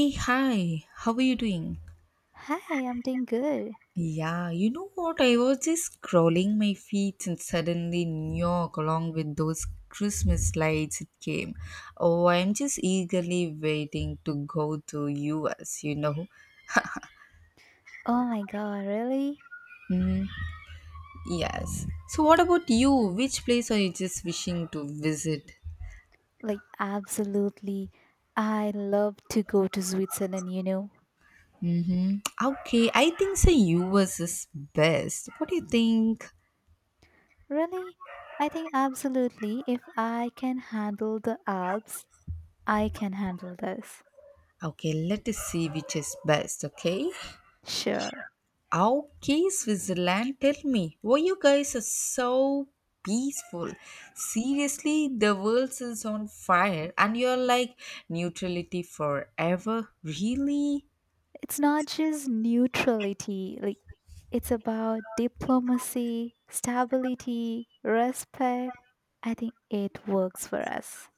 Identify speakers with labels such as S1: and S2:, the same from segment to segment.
S1: Hey, hi, how are you doing?
S2: Hi, I'm doing good.
S1: Yeah, you know what? I was just scrolling my feet and suddenly New York, along with those Christmas lights, it came. Oh, I'm just eagerly waiting to go to US, you know?
S2: Oh my god, really?
S1: Yes. So, what about you? Which place are you just wishing to visit?
S2: Like, absolutely. I love to go to Switzerland, you know.
S1: Okay, I think the US is best. What do you think?
S2: Really? I think absolutely. If I can handle the Alps, I can handle this.
S1: Okay, let us see which is best, okay?
S2: Sure.
S1: Okay, Switzerland, tell me, why you guys are so peaceful? Seriously, the world is on fire and you're like neutrality forever? Really?
S2: It's not just neutrality, like, it's about diplomacy, stability, respect. I think it works for us.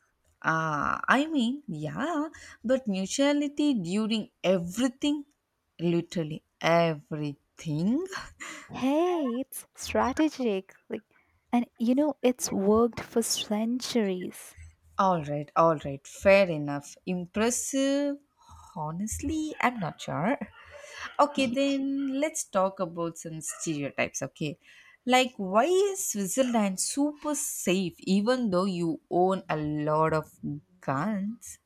S1: Yeah, but neutrality during everything, literally everything.
S2: Hey, it's strategic. Like, and you know, it's worked for centuries.
S1: All right, fair enough. Impressive. Honestly, I'm not sure. Okay, then let's talk about some stereotypes. Okay, like why is Switzerland super safe even though you own a lot of guns?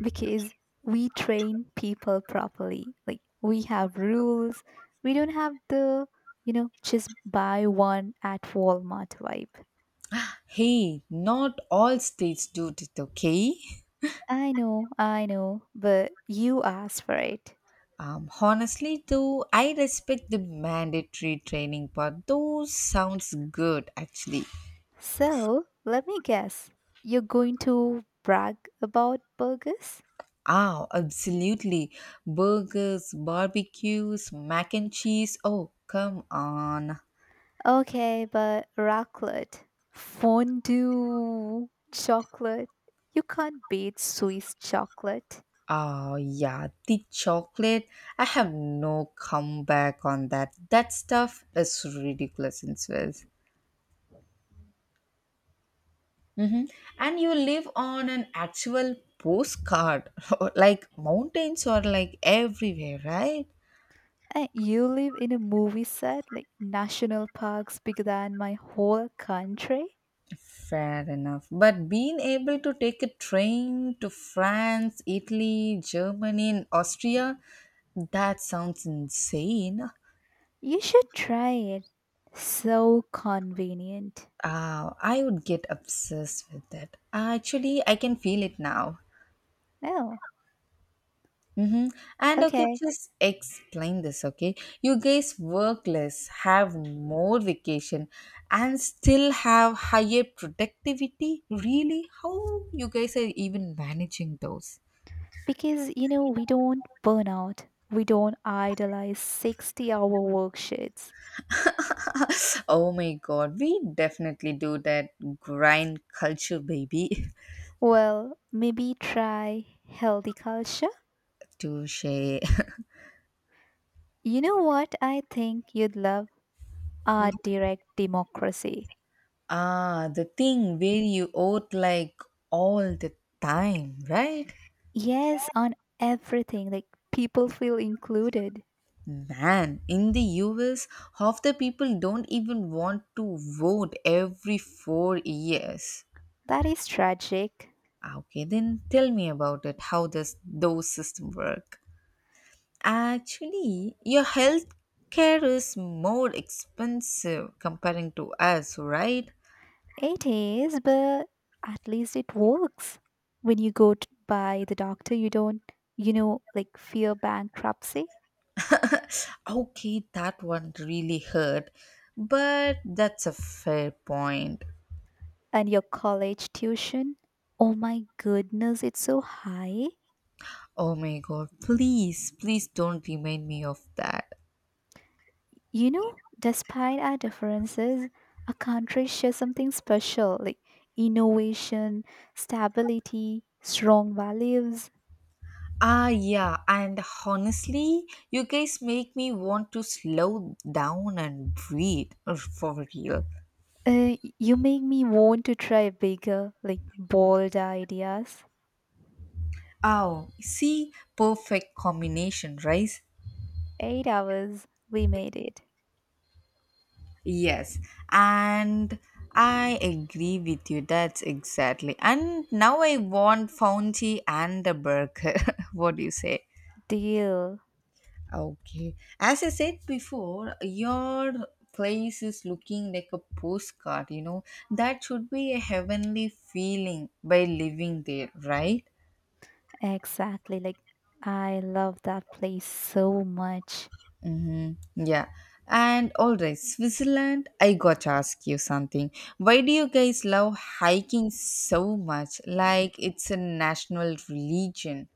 S2: Because we train people properly. Like, we have rules. We don't have just buy one at Walmart vibe.
S1: Hey, not all states do it, okay?
S2: I know, but you asked for it.
S1: Honestly, though, I respect the mandatory training part. Those sounds good, actually.
S2: So, let me guess. You're going to brag about burgers?
S1: Ah, absolutely. Burgers, barbecues, mac and cheese. Oh, come on.
S2: Okay, but raclette, fondue, chocolate. You can't beat Swiss chocolate.
S1: Oh, yeah, the chocolate. I have no comeback on that. That stuff is ridiculous in Swiss. Hmm And you live on an actual postcard, like mountains are like everywhere, right?
S2: And you live in a movie set, like national parks bigger than my whole country.
S1: Fair enough. But being able to take a train to France, Italy, Germany, and Austria, that sounds insane.
S2: You should try it. So convenient.
S1: I would get obsessed with that. Actually, I can feel it now.
S2: No,
S1: Mm-hmm. And okay,
S2: okay.
S1: just explain this, okay? You guys work less, have more vacation, and still have higher productivity? Really? How you guys are even managing those?
S2: Because, you know, we don't burn out. We don't idolize 60-hour work shifts.
S1: Oh my god, we definitely do that grind culture, baby.
S2: Well, maybe try healthy culture.
S1: Touche.
S2: You know what I think you'd love? Our direct democracy.
S1: Ah, the thing where you owe like all the time, right?
S2: Yes, on everything, like people feel included.
S1: Man, in the US, half the people don't even want to vote every 4 years.
S2: That is tragic.
S1: Ah, okay, then tell me about it. How does those system work? Actually, your health care is more expensive comparing to us, right?
S2: It is, but at least it works. When you go by the doctor, you don't like fear bankruptcy
S1: Okay, that one really hurt, but that's a fair point.
S2: and your college tuition. Oh my goodness, it's so high.
S1: Oh my god, please, please don't remind me of that.
S2: You know, despite our differences, our countries share something special, like innovation, stability, strong values.
S1: Ah, yeah, and honestly, you guys make me want to slow down and breathe for real.
S2: You make me want to try bigger, like bold ideas.
S1: Oh, see, perfect combination, right?
S2: 8 hours, we made it.
S1: Yes, and I agree with you. That's exactly. And now I want Founty and a burger. What do you say?
S2: Deal.
S1: Okay. As I said before, your place is looking like a postcard, you know. That should be a heavenly feeling by living there, right?
S2: Exactly. Like, I love that place so much
S1: Mm-hmm. Yeah. And all right, Switzerland, I got to ask you something. Why do you guys love hiking so much? Like it's a national religion.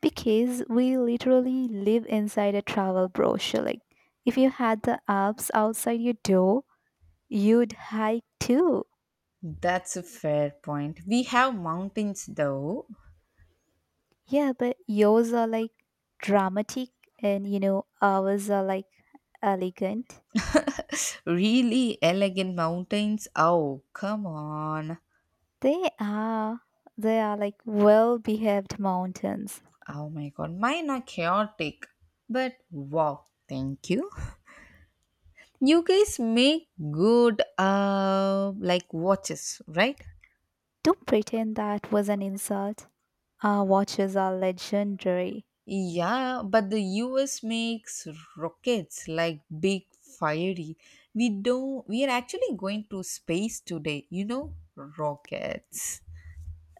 S2: because we literally live inside a travel brochure. Like, if you had the Alps outside your door, you'd hike too.
S1: That's a fair point. We have mountains though.
S2: Yeah, but yours are like dramatic, and you know ours are like elegant.
S1: Really elegant mountains. Oh, come on.
S2: They are, they are like well behaved mountains.
S1: Oh my god, mine are chaotic. But wow, thank you. You guys make good like watches, right?
S2: Don't pretend that was an insult. Our watches are legendary.
S1: Yeah, but the US makes rockets like big fiery. We don't We are actually going to space today, you know? Rockets.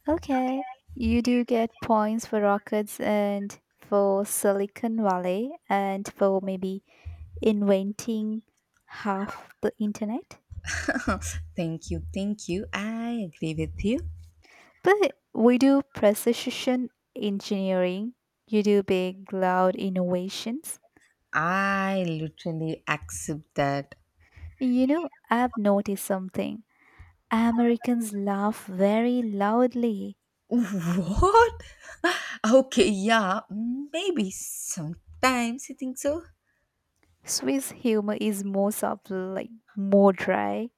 S2: Okay. You do get points for rockets and for Silicon Valley and for maybe inventing half the internet.
S1: Thank you, thank you. I agree with you.
S2: But we do precision engineering, you do big cloud innovations.
S1: I literally accept that.
S2: You know, I've noticed something. Americans laugh very loudly.
S1: What? Okay, yeah, maybe sometimes I think so.
S2: Swiss humor is more subtle, like more dry.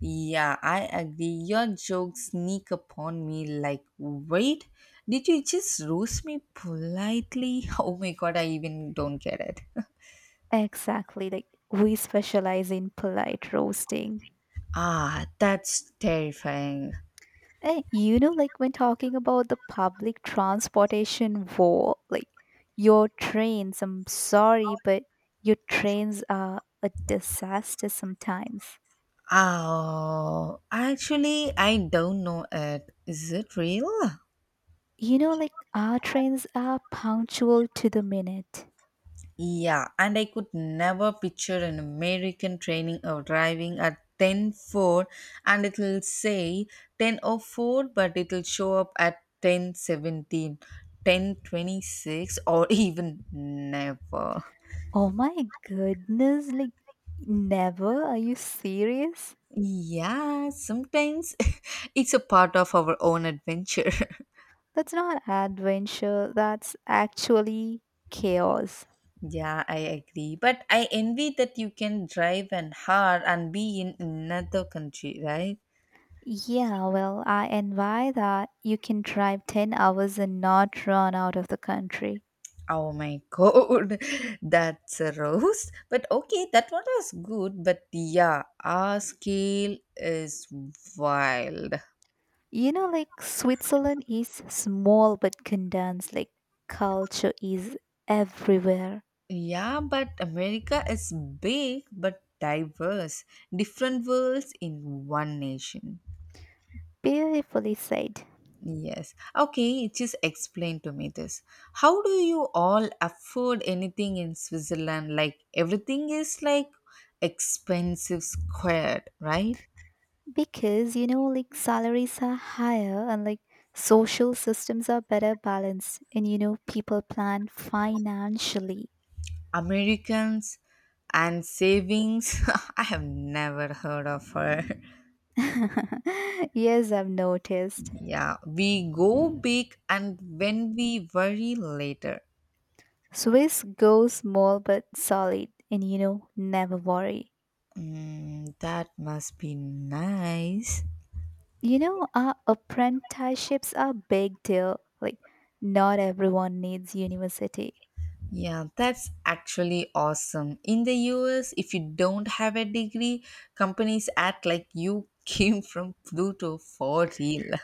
S1: Yeah, I agree. Your jokes sneak upon me like, wait, did you just roast me politely? Oh my god, I even don't get it.
S2: Exactly, like we specialize in polite roasting.
S1: Ah, that's terrifying.
S2: You know, like when talking about the public transportation war, like your trains, I'm sorry, but your trains are a disaster sometimes.
S1: Oh, actually, I don't know it. Is it real?
S2: You know, like our trains are punctual to the minute.
S1: Yeah, and I could never picture an American training or driving at ten four, and it'll say 10:04 but it'll show up at 10:17, 10:26, or even never.
S2: Oh my goodness, like never? Are you serious?
S1: Yeah, sometimes it's a part of our own adventure.
S2: That's not adventure, that's actually chaos.
S1: Yeah, I agree. But I envy that you can drive an hour and be in another country, right?
S2: Yeah, well, I envy that you can drive 10 hours and not run out of the country.
S1: Oh my god, that's a roast. But okay, that one was good. But yeah, our scale is wild.
S2: You know, like Switzerland is small but condensed, like culture is everywhere.
S1: Yeah, but America is big but diverse. Different worlds in one nation.
S2: Beautifully said.
S1: Yes. Okay, just explain to me this. How do you all afford anything in Switzerland? Like everything is like expensive squared, right?
S2: Because, you know, like salaries are higher and like social systems are better balanced, and you know, people plan financially.
S1: Americans and savings. I have never heard of her.
S2: Yes, I've noticed.
S1: Yeah, we go big and when we worry later.
S2: Swiss goes small but solid, and you know, never worry.
S1: Mm, that must be nice.
S2: You know, our apprenticeships are big deal. Like, not everyone needs university.
S1: Yeah, that's actually awesome. In the US, if you don't have a degree, companies act like you came from Pluto for real.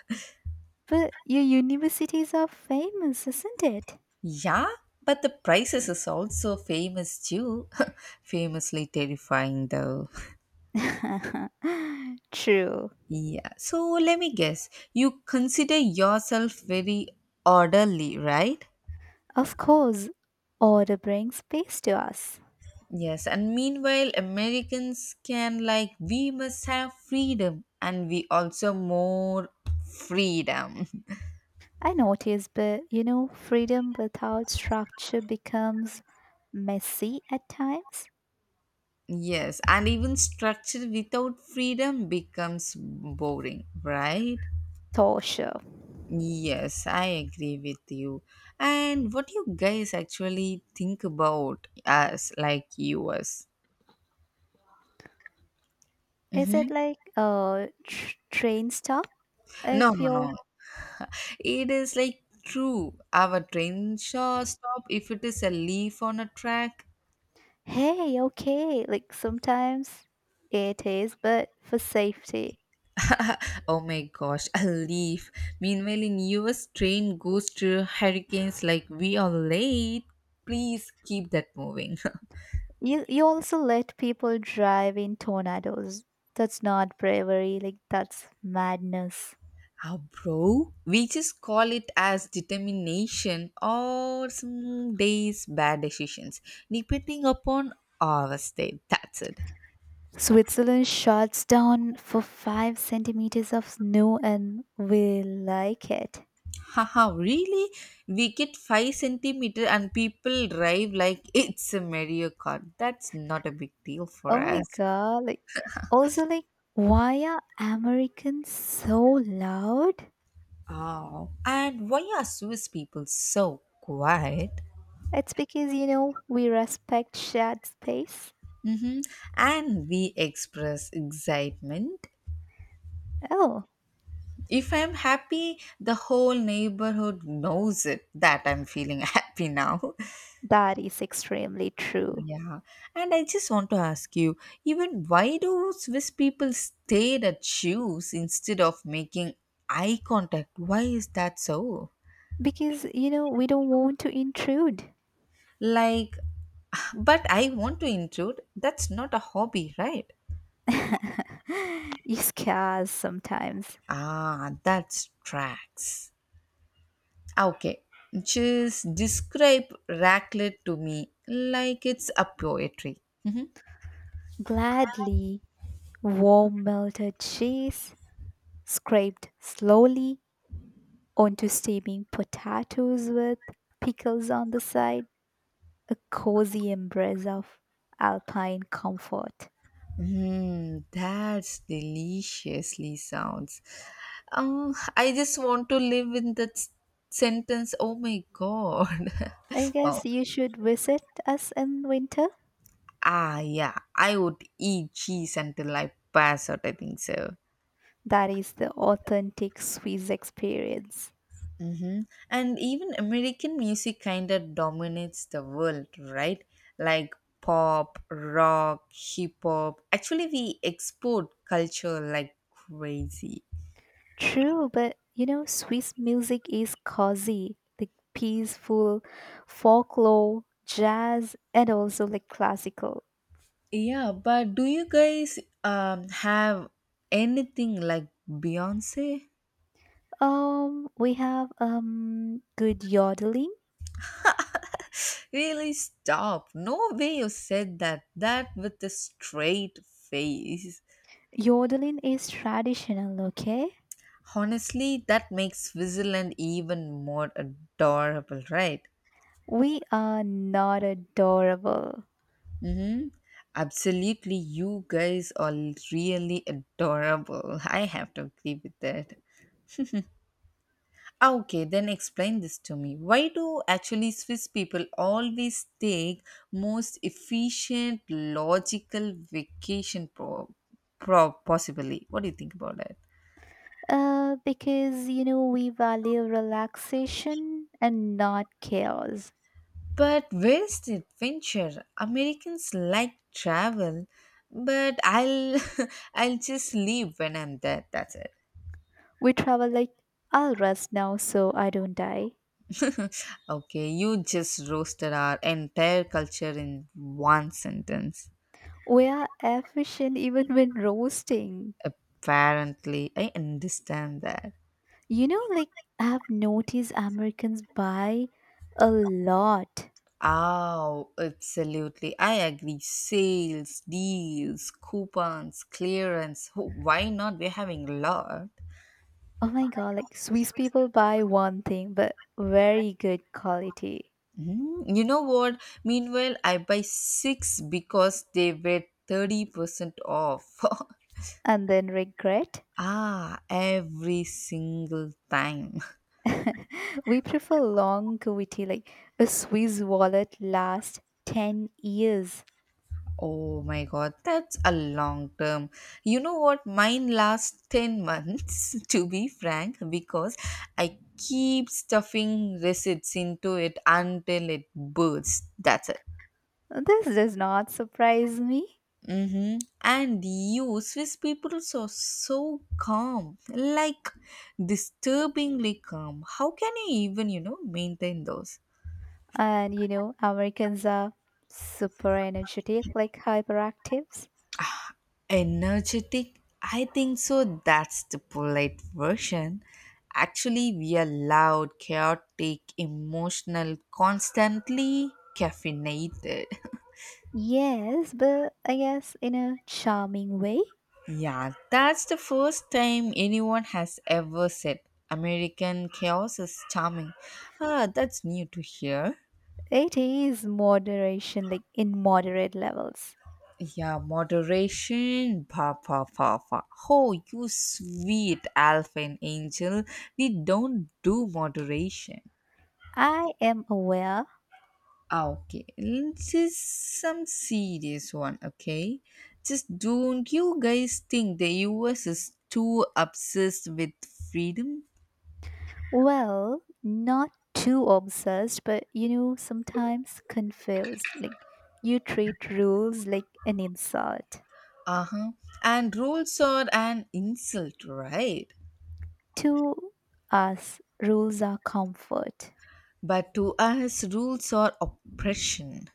S2: But your universities are famous, isn't it?
S1: Yeah, but the prices is also famous too. Famously terrifying though.
S2: True.
S1: Yeah. So let me guess. You consider yourself very orderly, right?
S2: Of course, order brings peace to us.
S1: Yes. And meanwhile, Americans can like we must have freedom and we also more freedom.
S2: I notice, but you know, freedom without structure becomes messy at times,
S1: Yes. And even structure without freedom becomes boring, right?
S2: torture.
S1: Yes, I agree with you. And what do you guys actually think about us like US?
S2: Is
S1: Mm-hmm.
S2: it like a train stop?
S1: No,
S2: If
S1: no,
S2: you're,
S1: no. It is like true. Our train shall stop if it is a leaf on a track.
S2: hey, okay, like sometimes it is, but for safety.
S1: Oh my gosh, a leaf. Meanwhile, in US, train goes through hurricanes like we are late. Please keep that moving.
S2: You also let people drive in tornadoes. That's not bravery, like that's madness.
S1: Ah, bro, we just call it as determination or some days bad decisions, depending upon our state. That's it.
S2: Switzerland shuts down for five centimeters of snow and we like it.
S1: Haha, really? We get 5 centimeter and people drive like it's a Mario Kart. That's not a big deal for
S2: Oh my
S1: us.
S2: god, like also, like why are Americans so loud?
S1: Oh, and why are Swiss people so quiet?
S2: It's because, you know, we respect shared space.
S1: Mm-hmm. And we express excitement.
S2: Oh,
S1: If I'm happy, the whole neighborhood knows it that I'm feeling happy now.
S2: that is extremely true.
S1: Yeah, and I just want to ask you, even why do Swiss people stare at shoes instead of making eye contact? Why is that so?
S2: Because, you know, we don't want to intrude.
S1: Like, but I want to intrude. That's not a hobby, right?
S2: You scars sometimes.
S1: Ah, that's tracks. Okay, just describe raclette to me like it's a poetry.
S2: Gladly, warm melted cheese, scraped slowly onto steaming potatoes with pickles on the side, a cozy embrace of alpine comfort.
S1: Hmm, that's deliciously sounds. I just want to live in that sentence. Oh my god.
S2: I
S1: Oh,
S2: guess you should visit us in winter.
S1: ah, yeah. I would eat cheese until I pass out. I think so.
S2: That is the authentic Swiss experience.
S1: Mm-hmm. And even American music kind of dominates the world, right? Like pop, rock, hip hop. Actually, we export culture like crazy.
S2: True, but you know, Swiss music is cozy, like peaceful, folklore, jazz, and also like classical.
S1: Yeah, but do you guys have anything like Beyonce?
S2: We have good yodeling.
S1: Really stop. No way you said that. That with a straight face.
S2: Yodeling is traditional, okay?
S1: Honestly, that makes Switzerland even more adorable, right?
S2: We are not adorable.
S1: Mm-hmm. Absolutely, you guys are really adorable. I have to agree with that. Ah, okay, then explain this to me. Why do actually Swiss people always take most efficient, logical vacation pro possibly? What do you think about that?
S2: Because you know we value relaxation and not chaos.
S1: But where's the adventure? Americans like travel, but I'll I'll just leave when I'm there. That's it.
S2: We travel like, I'll rest now so I don't die.
S1: Okay, you just roasted our entire culture in one sentence.
S2: We are efficient even when roasting.
S1: Apparently, I understand that.
S2: You know, like, I've noticed Americans buy a lot.
S1: Oh, absolutely. I agree. Sales, deals, coupons, clearance. Oh, why not? We're having a lot.
S2: Oh my god, like, Swiss people buy one thing, but very good quality.
S1: Mm, you know what? Meanwhile, I buy six because they were 30% off.
S2: And then regret.
S1: Ah, every single time.
S2: We prefer longevity, like a Swiss wallet lasts 10 years.
S1: Oh my god, that's a long term. You know what? Mine lasts 10 months, to be frank, because I keep stuffing receipts into it until it bursts. That's it.
S2: This does not surprise me.
S1: Mm-hmm. And you, Swiss people are so calm, like disturbingly calm. How can you even, you know, maintain those?
S2: And you know, Americans are super energetic, like hyperactives.
S1: Energetic? I think so. That's the polite version. Actually, we are loud, chaotic, emotional, constantly caffeinated.
S2: Yes, but I guess in a charming way.
S1: Yeah, that's the first time anyone has ever said American chaos is charming. Ah, that's new to hear.
S2: It is moderation, like in moderate levels.
S1: Yeah, moderation. Pa pa pa pa. Oh, you sweet alpha and angel. We don't do moderation.
S2: I am aware.
S1: Ah, okay, this is some serious one. Okay, just don't you guys think the US is too obsessed with freedom?
S2: Well, not too obsessed, but you know, sometimes confused. Like you treat rules like an insult.
S1: Uh huh. And rules are an insult, right?
S2: To us, rules are comfort.
S1: But to us, rules are oppression.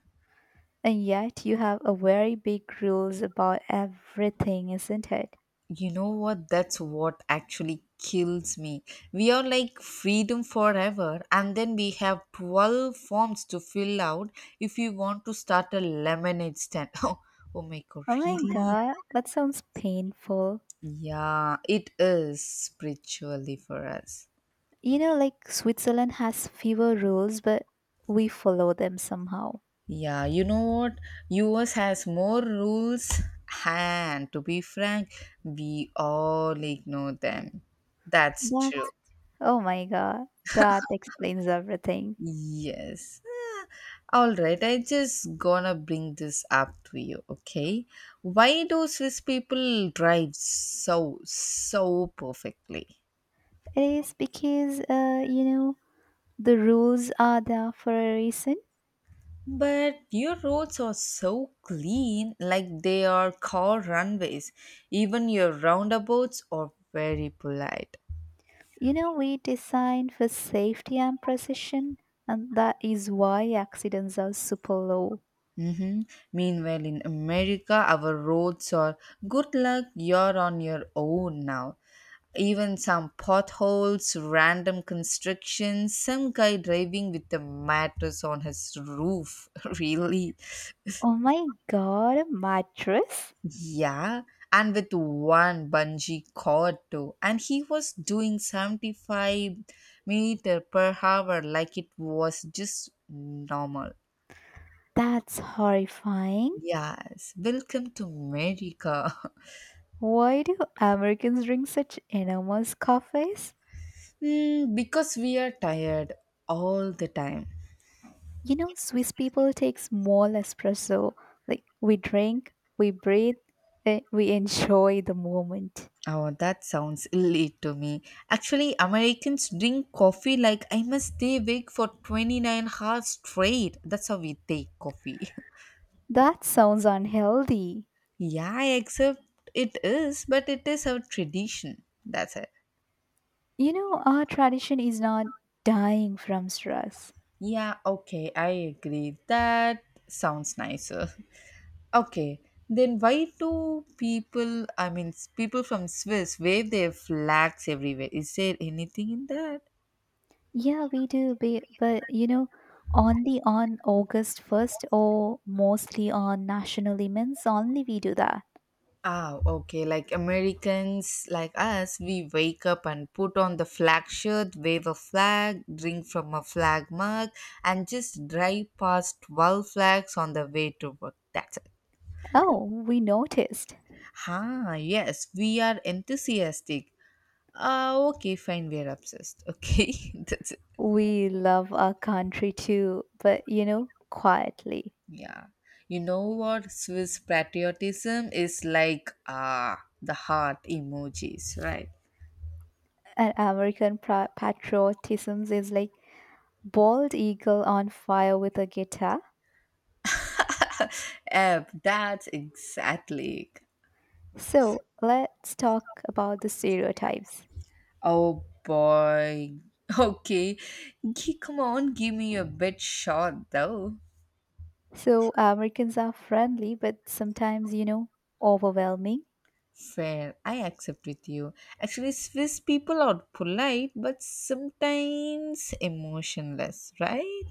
S2: And yet you have a very big rules about everything, isn't it?
S1: You know what? That's what actually kills me. We are like freedom forever, and then we have 12 forms to fill out if you want to start a lemonade stand. Oh, oh my god,
S2: Oh my
S1: really?
S2: god, that sounds painful.
S1: Yeah, it is spiritually for us.
S2: You know, like Switzerland has fewer rules, but we follow them somehow.
S1: Yeah, you know what? US has more rules, and to be frank, we all ignore them. That's true.
S2: That, oh my god, that explains everything.
S1: Yes. All right, I just gonna bring this up to you, okay? Why do Swiss people drive so perfectly?
S2: It is because, you know, the rules are there for a reason.
S1: But your roads are so clean, like they are car runways. Even your roundabouts are very polite.
S2: You know, we designed for safety and precision, and that is why accidents are super low.
S1: Mm-hmm. Meanwhile, in America, our roads are good luck, you're on your own now. Even some potholes, random constructions, some guy driving with a mattress on his roof. Really?
S2: Oh my god, a mattress?
S1: Yeah. And with one bungee cord too. And he was doing 75 meter per hour like it was just normal.
S2: That's horrifying.
S1: Yes. Welcome to America.
S2: Why do Americans drink such enormous coffees?
S1: Hmm, because we are tired all the time.
S2: You know, Swiss people take small espresso. Like, we drink, we breathe, we enjoy the moment.
S1: Oh, that sounds elite to me. Actually, Americans drink coffee like I must stay awake for 29 hours straight. That's how we take coffee.
S2: That sounds unhealthy.
S1: Yeah, except it is, but it is our tradition. That's it.
S2: You know, our tradition is not dying from stress.
S1: Yeah, okay, I agree. That sounds nicer. Okay, then why do people, people from Swiss wave their flags everywhere? Is there anything in that?
S2: Yeah, we do, but you know, only on August 1st or mostly on national events, only we do that.
S1: Ah, okay. Like Americans, like us, we wake up and put on the flag shirt, wave a flag, drink from a flag mug, and just drive past 12 flags on the way to work. That's it.
S2: Oh, we noticed.
S1: Ah, yes, we are enthusiastic. Ah, okay, fine, we are obsessed. Okay, that's it.
S2: We love our country too, but you know, quietly.
S1: Yeah. You know what? Swiss patriotism is like the heart emojis, right?
S2: And American patriotism is like bald eagle on fire with a guitar.
S1: Yep, that's exactly.
S2: So let's talk about the stereotypes.
S1: Oh boy. Okay. Come on, give me a bit short though.
S2: So Americans are friendly, but sometimes you know, overwhelming.
S1: Fair. I accept with you. Actually, Swiss people are polite but sometimes emotionless, right?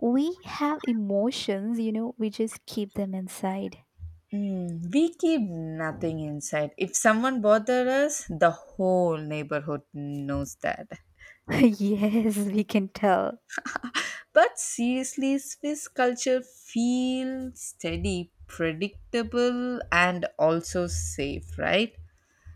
S2: We have emotions, you know, we just keep them inside.
S1: Mm, we keep nothing inside. If someone bothers us, the whole neighborhood knows that.
S2: Yes, we can tell.
S1: But seriously, Swiss culture feels steady, predictable, and also safe, right?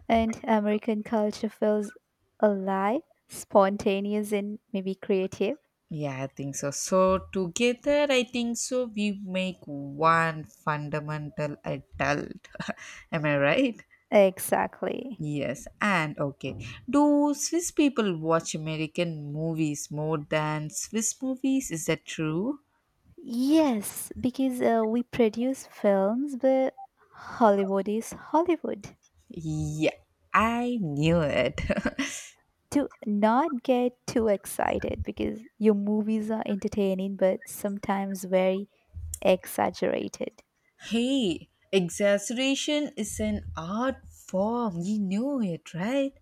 S2: And American culture feels alive, spontaneous, and maybe creative.
S1: Yeah, I think so. So together, I think so, we make one fundamental adult. Am I right?
S2: Exactly.
S1: Yes. And okay, do Swiss people watch American movies more than Swiss movies? Is that true?
S2: Yes, because we produce films, but Hollywood is Hollywood.
S1: Yeah, I knew it.
S2: Do not get too excited because your movies are entertaining, but sometimes very exaggerated.
S1: Hey, exaggeration is an art form. You knew it, right?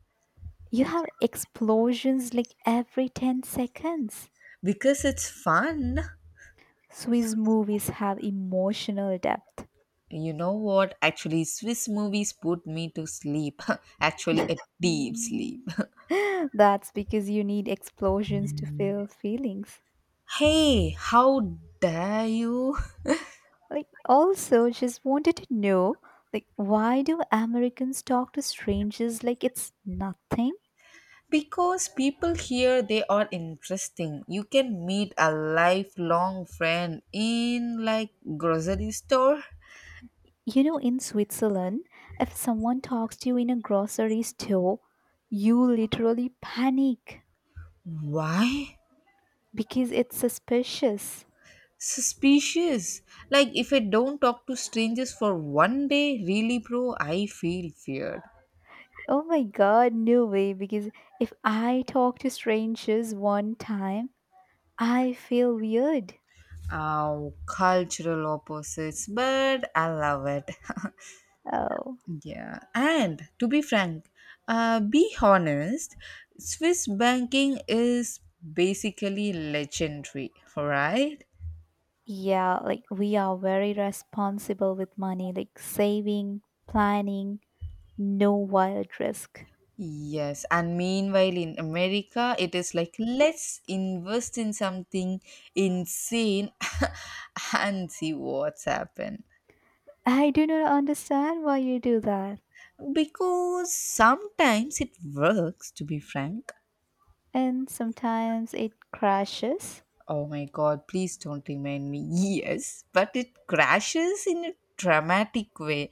S2: You have explosions like every 10 seconds.
S1: Because it's fun.
S2: Swiss movies have emotional depth.
S1: You know what? Actually, Swiss movies put me to sleep. Actually, a deep sleep.
S2: That's because you need explosions to feel feelings.
S1: Hey, how dare you?
S2: Like, also, just wanted to know, like, why do Americans talk to strangers like it's nothing?
S1: Because people here, they are interesting. You can meet a lifelong friend in like grocery store.
S2: You know, in Switzerland, if someone talks to you in a grocery store, you literally panic
S1: Why?
S2: because it's suspicious.
S1: Suspicious. Like if I don't talk to strangers for one day, really bro, I feel feared.
S2: Oh my god, no way. Because if I talk to strangers one time, I feel weird.
S1: Oh, cultural opposites, but I love it.
S2: Oh.
S1: Yeah, and to be frank, be honest, Swiss banking is basically legendary, right?
S2: Yeah, like we are very responsible with money, like saving, planning, no wild risk.
S1: Yes, and meanwhile in America, it is like let's invest in something insane and see what's happened.
S2: I do not understand why you do that.
S1: Because sometimes it works, to be frank.
S2: And sometimes it crashes.
S1: Oh my god, please don't remind me. Yes, but it crashes in a dramatic way.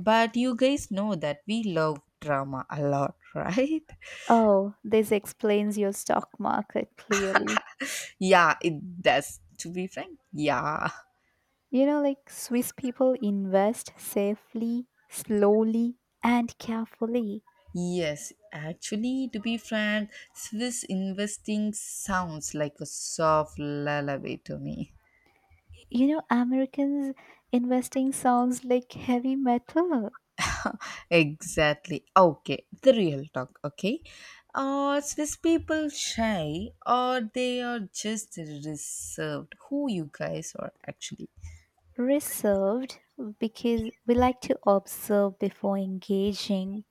S1: But you guys know that we love drama a lot, right?
S2: Oh, this explains your stock market clearly.
S1: Yeah, it does. To be frank, yeah.
S2: You know, like Swiss people invest safely, slowly, and carefully.
S1: Yes, actually, to be frank, Swiss investing sounds like a soft lullaby to me.
S2: You know, Americans investing sounds like heavy metal.
S1: Exactly. Okay, the real talk. Okay, are Swiss people shy or they are just reserved? Who you guys are actually?
S2: Reserved because we like to observe before engaging.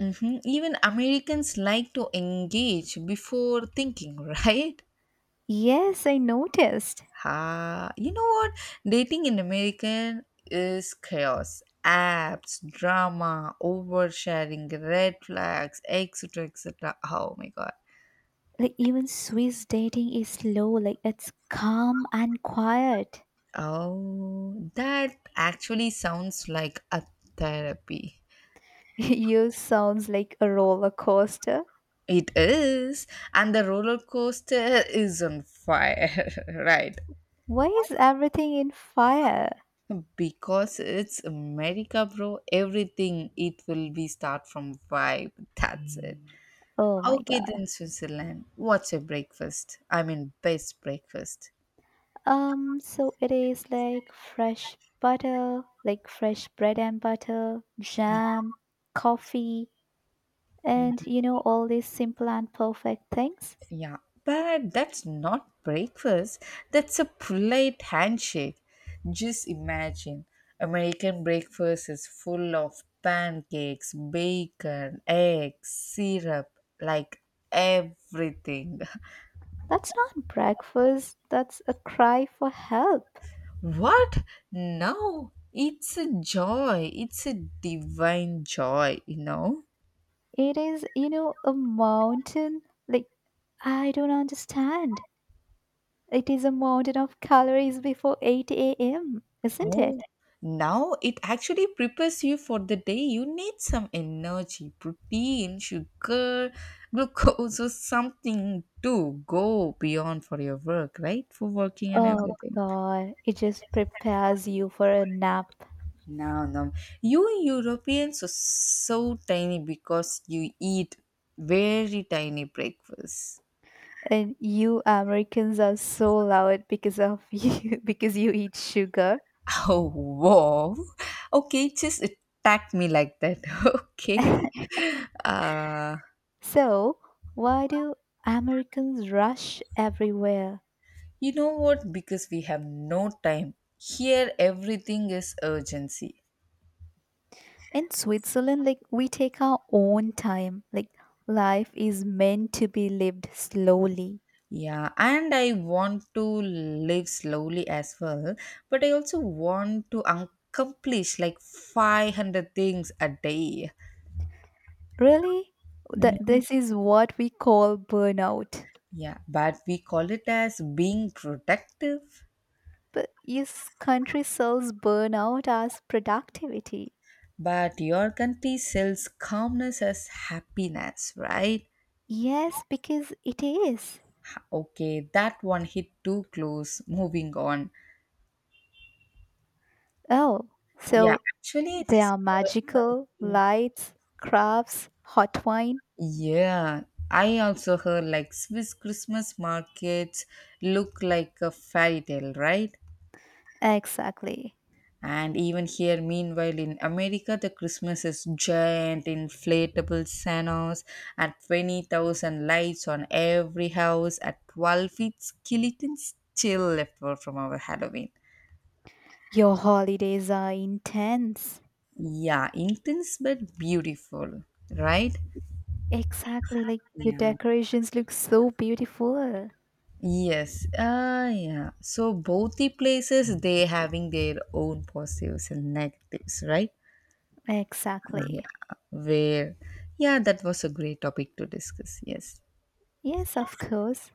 S1: Hmm. Even Americans like to engage before thinking, right?
S2: Yes, I noticed.
S1: Ah, you know what? Dating in American is chaos. Apps, drama, oversharing, red flags, etc. etc. Oh my god.
S2: Like even Swiss dating is slow, like it's calm and quiet.
S1: Oh, that actually sounds like a therapy.
S2: Yours sounds like a roller coaster.
S1: It is, and the roller coaster is on fire, right?
S2: Why is everything in fire?
S1: Because it's America, bro. Everything it will be start from vibe. That's it.
S2: Oh my
S1: Okay,
S2: god.
S1: then Switzerland. What's your breakfast? I mean, best breakfast.
S2: So it is like fresh butter, like fresh bread and butter, jam, coffee, and you know, all these simple and perfect things.
S1: Yeah, but that's not breakfast. That's a polite handshake. Just imagine American breakfast is full of pancakes, bacon, eggs, syrup, like everything.
S2: That's not breakfast, that's a cry for help.
S1: What? No, it's a joy. It's a divine joy, you know?
S2: It is, you know, a mountain. Like, I don't understand. It is a mountain of calories before 8 a.m., isn't
S1: Oh,
S2: it?
S1: now it actually prepares you for the day. You need some energy, protein, sugar, glucose, or something to go beyond for your work, right? For working and
S2: Oh
S1: everything.
S2: God, it just prepares you for a nap.
S1: No, no. You Europeans are so tiny because you eat very tiny breakfast.
S2: And you Americans are so loud because of you, because you eat sugar.
S1: Oh, wow. Okay, just attack me like that. Okay. Uh,
S2: So, why do Americans rush everywhere?
S1: you know what? Because we have no time. Here, everything is urgency.
S2: In Switzerland, like we take our own time. Like life is meant to be lived slowly.
S1: Yeah, and I want to live slowly as well, but I also want to accomplish like 500 things a day.
S2: Really?
S1: Mhm.
S2: This is what we call burnout.
S1: Yeah, but we call it as being productive.
S2: But yes, country sells burnout as productivity.
S1: But your country sells calmness as happiness, right?
S2: Yes, because it is.
S1: Okay, that one hit too close. Moving on.
S2: Oh,
S1: Yeah,
S2: so
S1: actually, it
S2: there
S1: is
S2: are magical
S1: something.
S2: lights, crafts, hot wine.
S1: Yeah, I also heard like Swiss Christmas markets look like a fairy tale, right?
S2: Exactly.
S1: And even here, meanwhile, in America, the Christmas is giant, inflatable Santas and 20,000 lights on every house at 12 feet skeletons still left over from our Halloween.
S2: Your holidays are intense.
S1: Yeah, intense but beautiful, right?
S2: Exactly, like your
S1: Yeah,
S2: decorations look so beautiful.
S1: yes. Ah, yeah. So both the places they having their own positives and negatives, right? Yeah.
S2: Exactly.
S1: Where, yeah, that was a great topic to discuss. Yes.
S2: Yes, of course.